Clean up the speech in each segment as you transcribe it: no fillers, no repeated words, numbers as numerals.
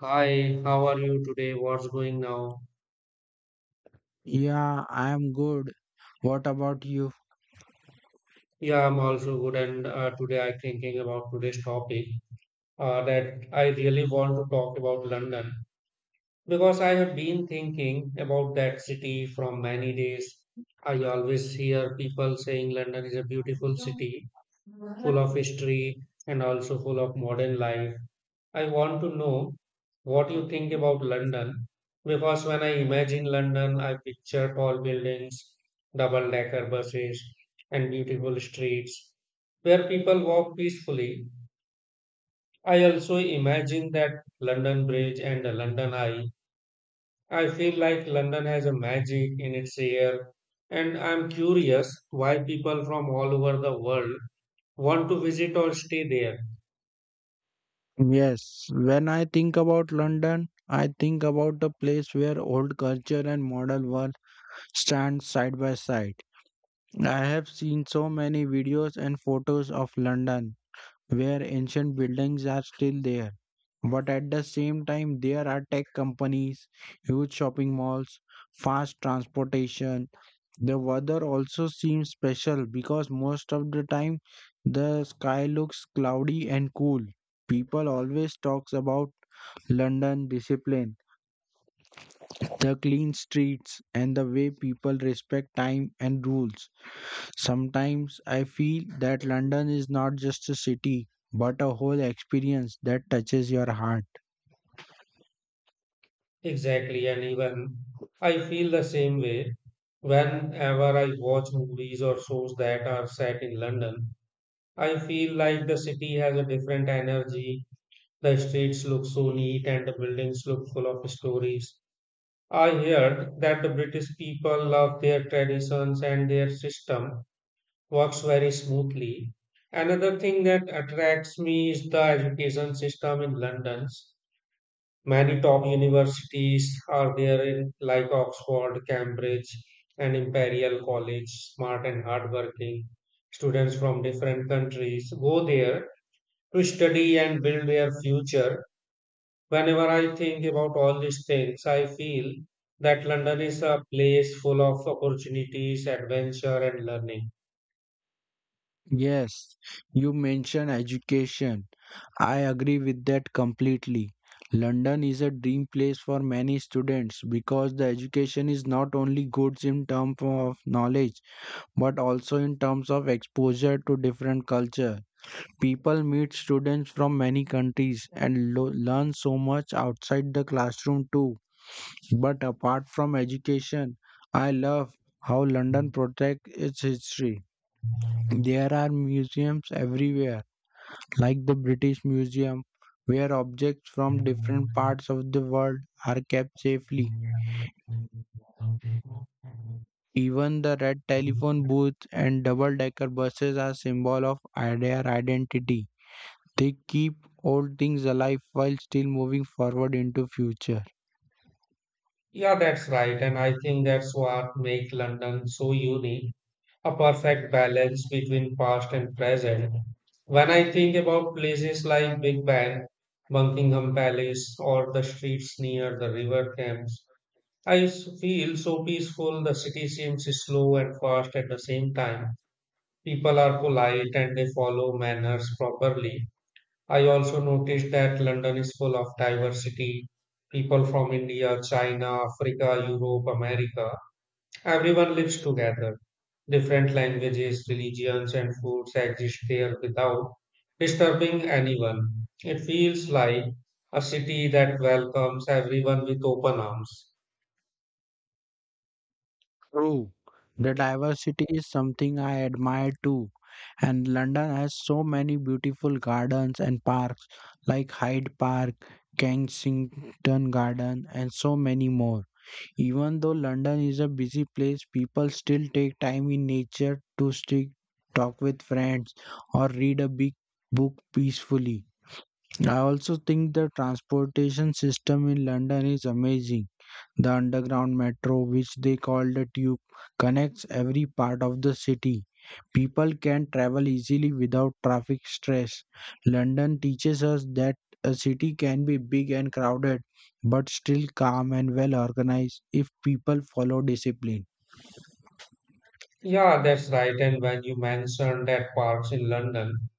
Hi, how are you today? What's going now? Yeah, I am good. What about you? Yeah, I'm also good. And today I'm thinking about today's topic that I really want to talk about London because I have been thinking about that city from many days. I always hear people saying London is a beautiful city, full of history and also full of modern life. I want to know what you think about London because when I imagine London, I picture tall buildings, double decker buses, and beautiful streets where people walk peacefully. I also imagine that London Bridge and the London Eye. I feel like London has a magic in its air, and I'm curious why people from all over the world want to visit or stay there. Yes, when I think about London, I think about the place where old culture and modern world stand side by side. I have seen so many videos and photos of London where ancient buildings are still there. But at the same time, there are tech companies, huge shopping malls, fast transportation. The weather also seems special because most of the time the sky looks cloudy and cool. People always talks about London discipline, the clean streets and the way people respect time and rules. Sometimes I feel that London is not just a city but a whole experience that touches your heart. Exactly, and even I feel the same way. Whenever I watch movies or shows that are set in London, I feel like the city has a different energy. The streets look so neat and the buildings look full of stories. I heard that the British people love their traditions and their system works very smoothly. Another thing that attracts me is the education system in London. Many top universities are there in like Oxford, Cambridge, and Imperial College, smart and hardworking. Students from different countries go there to study and build their future. Whenever I think about all these things, I feel that London is a place full of opportunities, adventure, and learning. Yes, you mentioned education. I agree with that completely. London is a dream place for many students because the education is not only good in terms of knowledge but also in terms of exposure to different culture. People meet students from many countries and learn so much outside the classroom too. But apart from education, I love how London protects its history. There are museums everywhere like the British Museum, where objects from different parts of the world are kept safely. Even the red telephone booth and double decker buses are symbol of their identity. They keep old things alive while still moving forward into future. Yeah, that's right. And I think that's what makes London so unique, a perfect balance between past and present. When I think about places like Big Ben, Buckingham Palace, or the streets near the River Thames, feel so peaceful. The city seems slow and fast at the same time. People are polite and they follow manners properly. I also noticed that London is full of diversity. People from India, China, Africa, Europe, America. Everyone lives together. Different languages, religions, and foods exist there without disturbing anyone. It feels like a city that welcomes everyone with open arms. True. The diversity is something I admire too. And London has so many beautiful gardens and parks like Hyde Park, Kensington Garden, and so many more. Even though London is a busy place, people still take time in nature to stick, talk with friends, or read a big book peacefully. I also think the transportation system in London is amazing. The underground metro, which they call the tube, connects every part of the city. People can travel easily without traffic stress. London teaches us that a city can be big and crowded, but still calm and well organized if people follow discipline. Yeah, that's right. And when you mentioned that parks in London,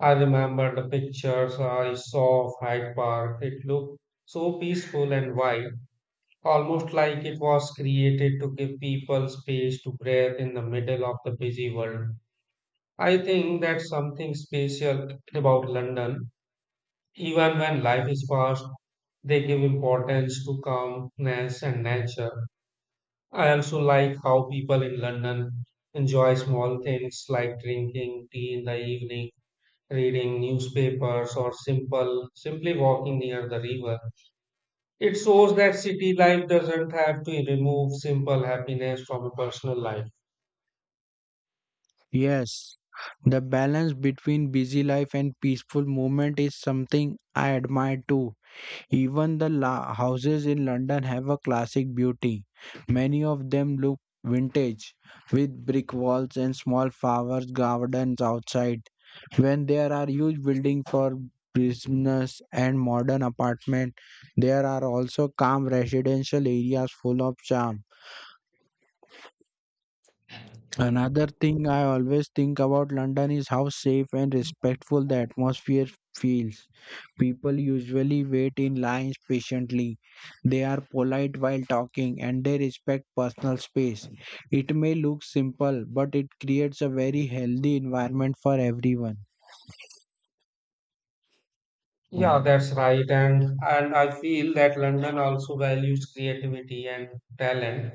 I remember the pictures I saw of Hyde Park. It looked so peaceful and wide. Almost like it was created to give people space to breathe in the middle of the busy world. I think that's something special about London. Even when life is fast, they give importance to calmness and nature. I also like how people in London enjoy small things like drinking tea in the evening, reading newspapers, or simple simply walking near the river. It shows that city life doesn't have to remove simple happiness from a personal life. Yes, the balance between busy life and peaceful movement is something I admire too. Even the houses in London have a classic beauty. Many of them look vintage, with brick walls and small flower gardens outside. When there are huge buildings for business and modern apartment, there are also calm residential areas full of charm. Another thing I always think about London is how safe and respectful the atmosphere feels. People usually wait in lines patiently. They are polite while talking and they respect personal space. It may look simple, but it creates a very healthy environment for everyone. Yeah, that's right. And I feel that London also values creativity and talent,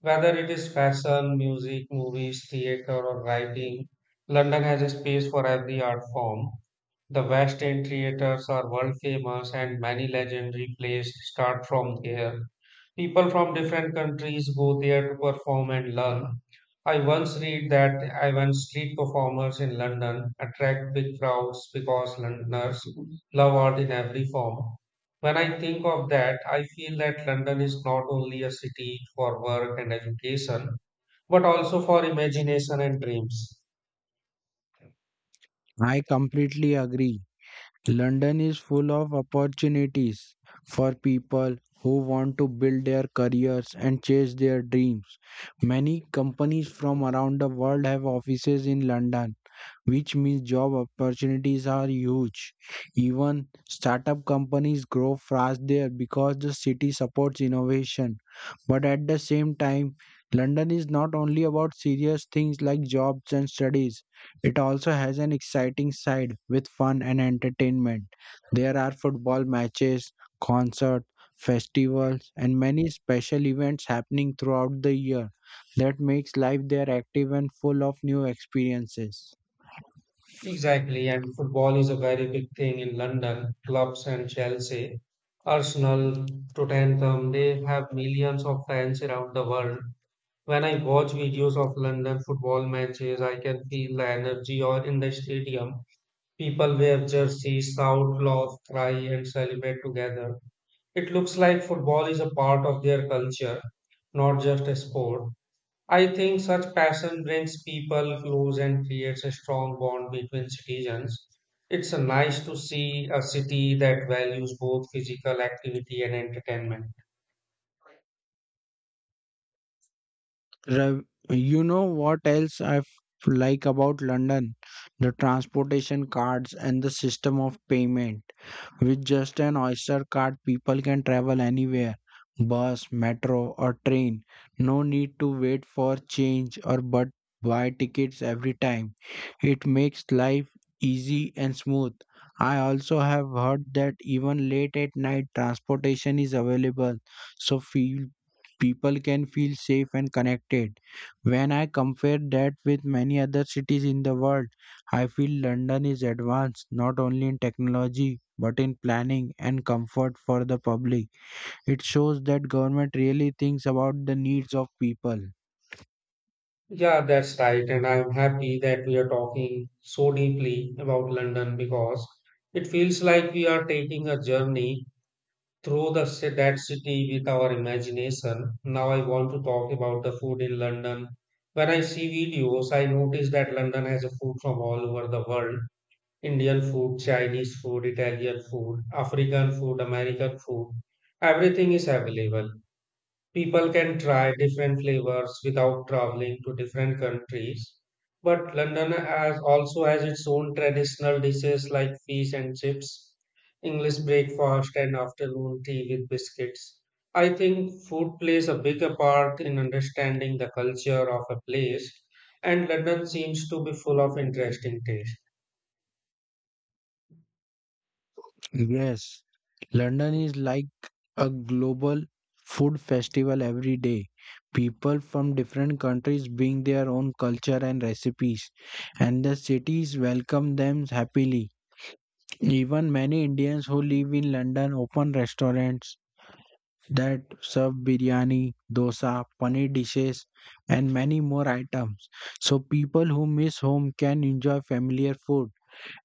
whether it is fashion, music, movies, theater, or writing. London has a space for every art form. The West End theaters are world famous and many legendary plays start from there. People from different countries go there to perform and learn. I once read that even street performers in London attract big crowds because Londoners love art in every form. When I think of that, I feel that London is not only a city for work and education, but also for imagination and dreams. I completely agree. London is full of opportunities for people who want to build their careers and chase their dreams. Many companies from around the world have offices in London, which means job opportunities are huge. Even startup companies grow fast there because the city supports innovation. But at the same time, London is not only about serious things like jobs and studies, it also has an exciting side with fun and entertainment. There are football matches, concerts, festivals, and many special events happening throughout the year that makes life there active and full of new experiences. Exactly, and football is a very big thing in London. Clubs and Chelsea, Arsenal, Tottenham, they have millions of fans around the world. When I watch videos of London football matches, I can feel the energy or in the stadium. People wear jerseys, shout, laugh, cry, and celebrate together. It looks like football is a part of their culture, not just a sport. I think such passion brings people close and creates a strong bond between citizens. It's nice to see a city that values both physical activity and entertainment. Rav, you know what else I like about London? The transportation cards and the system of payment. With just an Oyster card, people can travel anywhere, bus, metro, or train. No need to wait for change or but buy tickets every time. It makes life easy and smooth. I also have heard that even late at night transportation is available, so feel people can feel safe and connected. When I compare that with many other cities in the world, I feel London is advanced not only in technology but in planning and comfort for the public. It shows that government really thinks about the needs of people. Yeah, that's right. And I'm happy that we are talking so deeply about London because it feels like we are taking a journey through that city with our imagination. Now I want to talk about the food in London. When I see videos, I notice that London has a food from all over the world Indian food, Chinese food, Italian food, African food, American food. Everything is available. People can try different flavors without traveling to different countries. But London has also has its own traditional dishes like fish and chips, English breakfast and afternoon tea with biscuits. I think food plays a bigger part in understanding the culture of a place, and London seems to be full of interesting taste. Yes, London is like a global food festival every day. People from different countries bring their own culture and recipes, and the cities welcome them happily. Even many Indians who live in London open restaurants that serve biryani, dosa, paneer dishes, and many more items. So people who miss home can enjoy familiar food.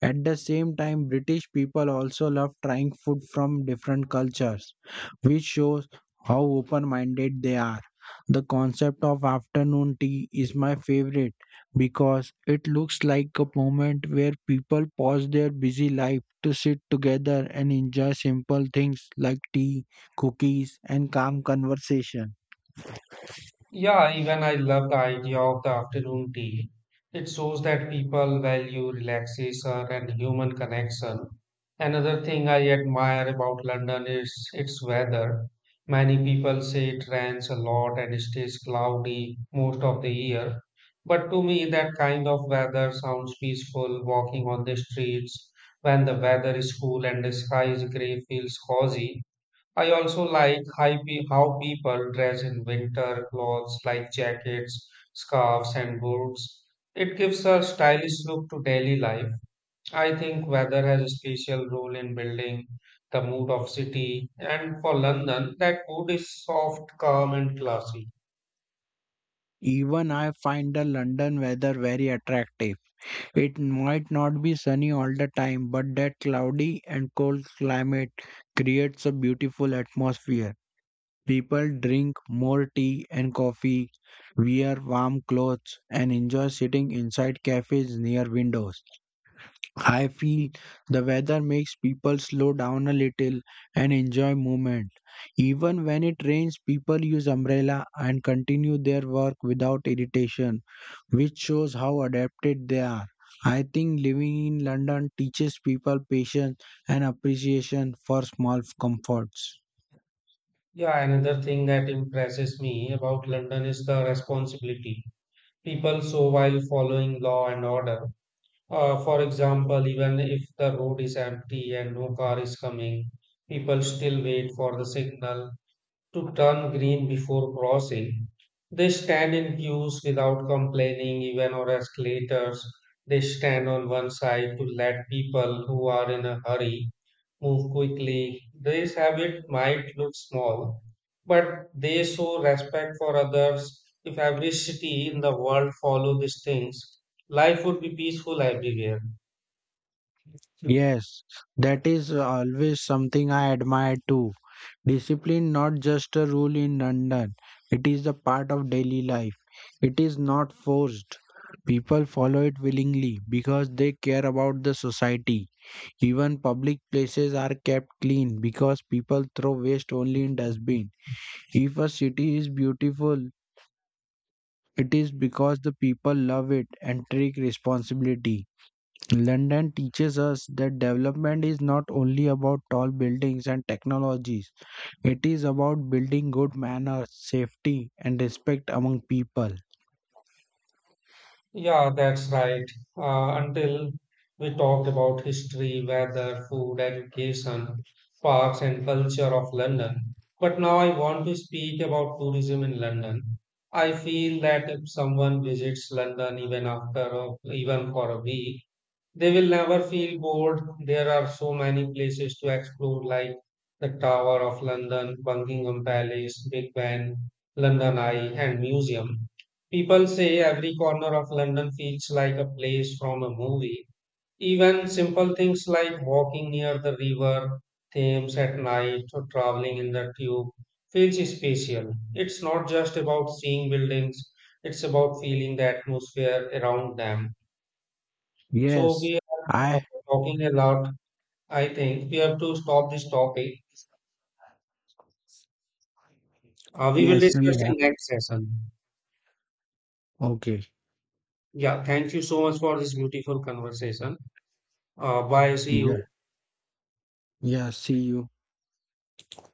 At the same time, British people also love trying food from different cultures, which shows how open-minded they are. The concept of afternoon tea is my favorite because it looks like a moment where people pause their busy life to sit together and enjoy simple things like tea, cookies, and calm conversation. Yeah, even I love the idea of the afternoon tea. It shows that people value relaxation and human connection. Another thing I admire about London is its weather. Many people say it rains a lot and it stays cloudy most of the year. But to me, that kind of weather sounds peaceful. Walking on the streets when the weather is cool and the sky is gray feels cozy. I also like how people dress in winter clothes like jackets, scarves, and boots. It gives a stylish look to daily life. I think weather has a special role in building the mood of city, and for London, that mood is soft, calm, and classy. Even I find the London weather very attractive. It might not be sunny all the time, but that cloudy and cold climate creates a beautiful atmosphere. People drink more tea and coffee, wear warm clothes, and enjoy sitting inside cafes near windows. I feel the weather makes people slow down a little and enjoy movement. Even when it rains, people use umbrella and continue their work without irritation, which shows how adapted they are. I think living in London teaches people patience and appreciation for small comforts. Yeah, another thing that impresses me about London is the responsibility people show while following law and order. For example, even if the road is empty and no car is coming, people still wait for the signal to turn green before crossing. They stand in queues without complaining, even on escalators. They stand on one side to let people who are in a hurry move quickly. This habit might look small, but they show respect for others. If every city in the world followed these things, life would be peaceful everywhere. Yes, that is always something I admire too. Discipline not just a rule in London, it is a part of daily life. It is not forced. People follow it willingly because they care about the society. Even public places are kept clean because people throw waste only in dustbin. If a city is beautiful, it is because the people love it and take responsibility. London teaches us that development is not only about tall buildings and technologies, it is about building good manners, safety, and respect among people. Yeah, that's right. Until we talked about history, weather, food, education, parks, and culture of London. But now I want to speak about tourism in London. I feel that if someone visits London even even for a week, they will never feel bored. There are so many places to explore, like the Tower of London, Buckingham Palace, Big Ben, London Eye, and Museum. People say every corner of London feels like a place from a movie. Even simple things like walking near the river Thames at night or traveling in the tube feels special. It's not just about seeing buildings, it's about feeling the atmosphere around them. So Yes, we are I, talking a lot. I think we have to stop this topic. We will yes, we discuss have. in next session. Okay. Yeah, thank you so much for this beautiful conversation. Bye. See you. Yeah. Yeah, see you.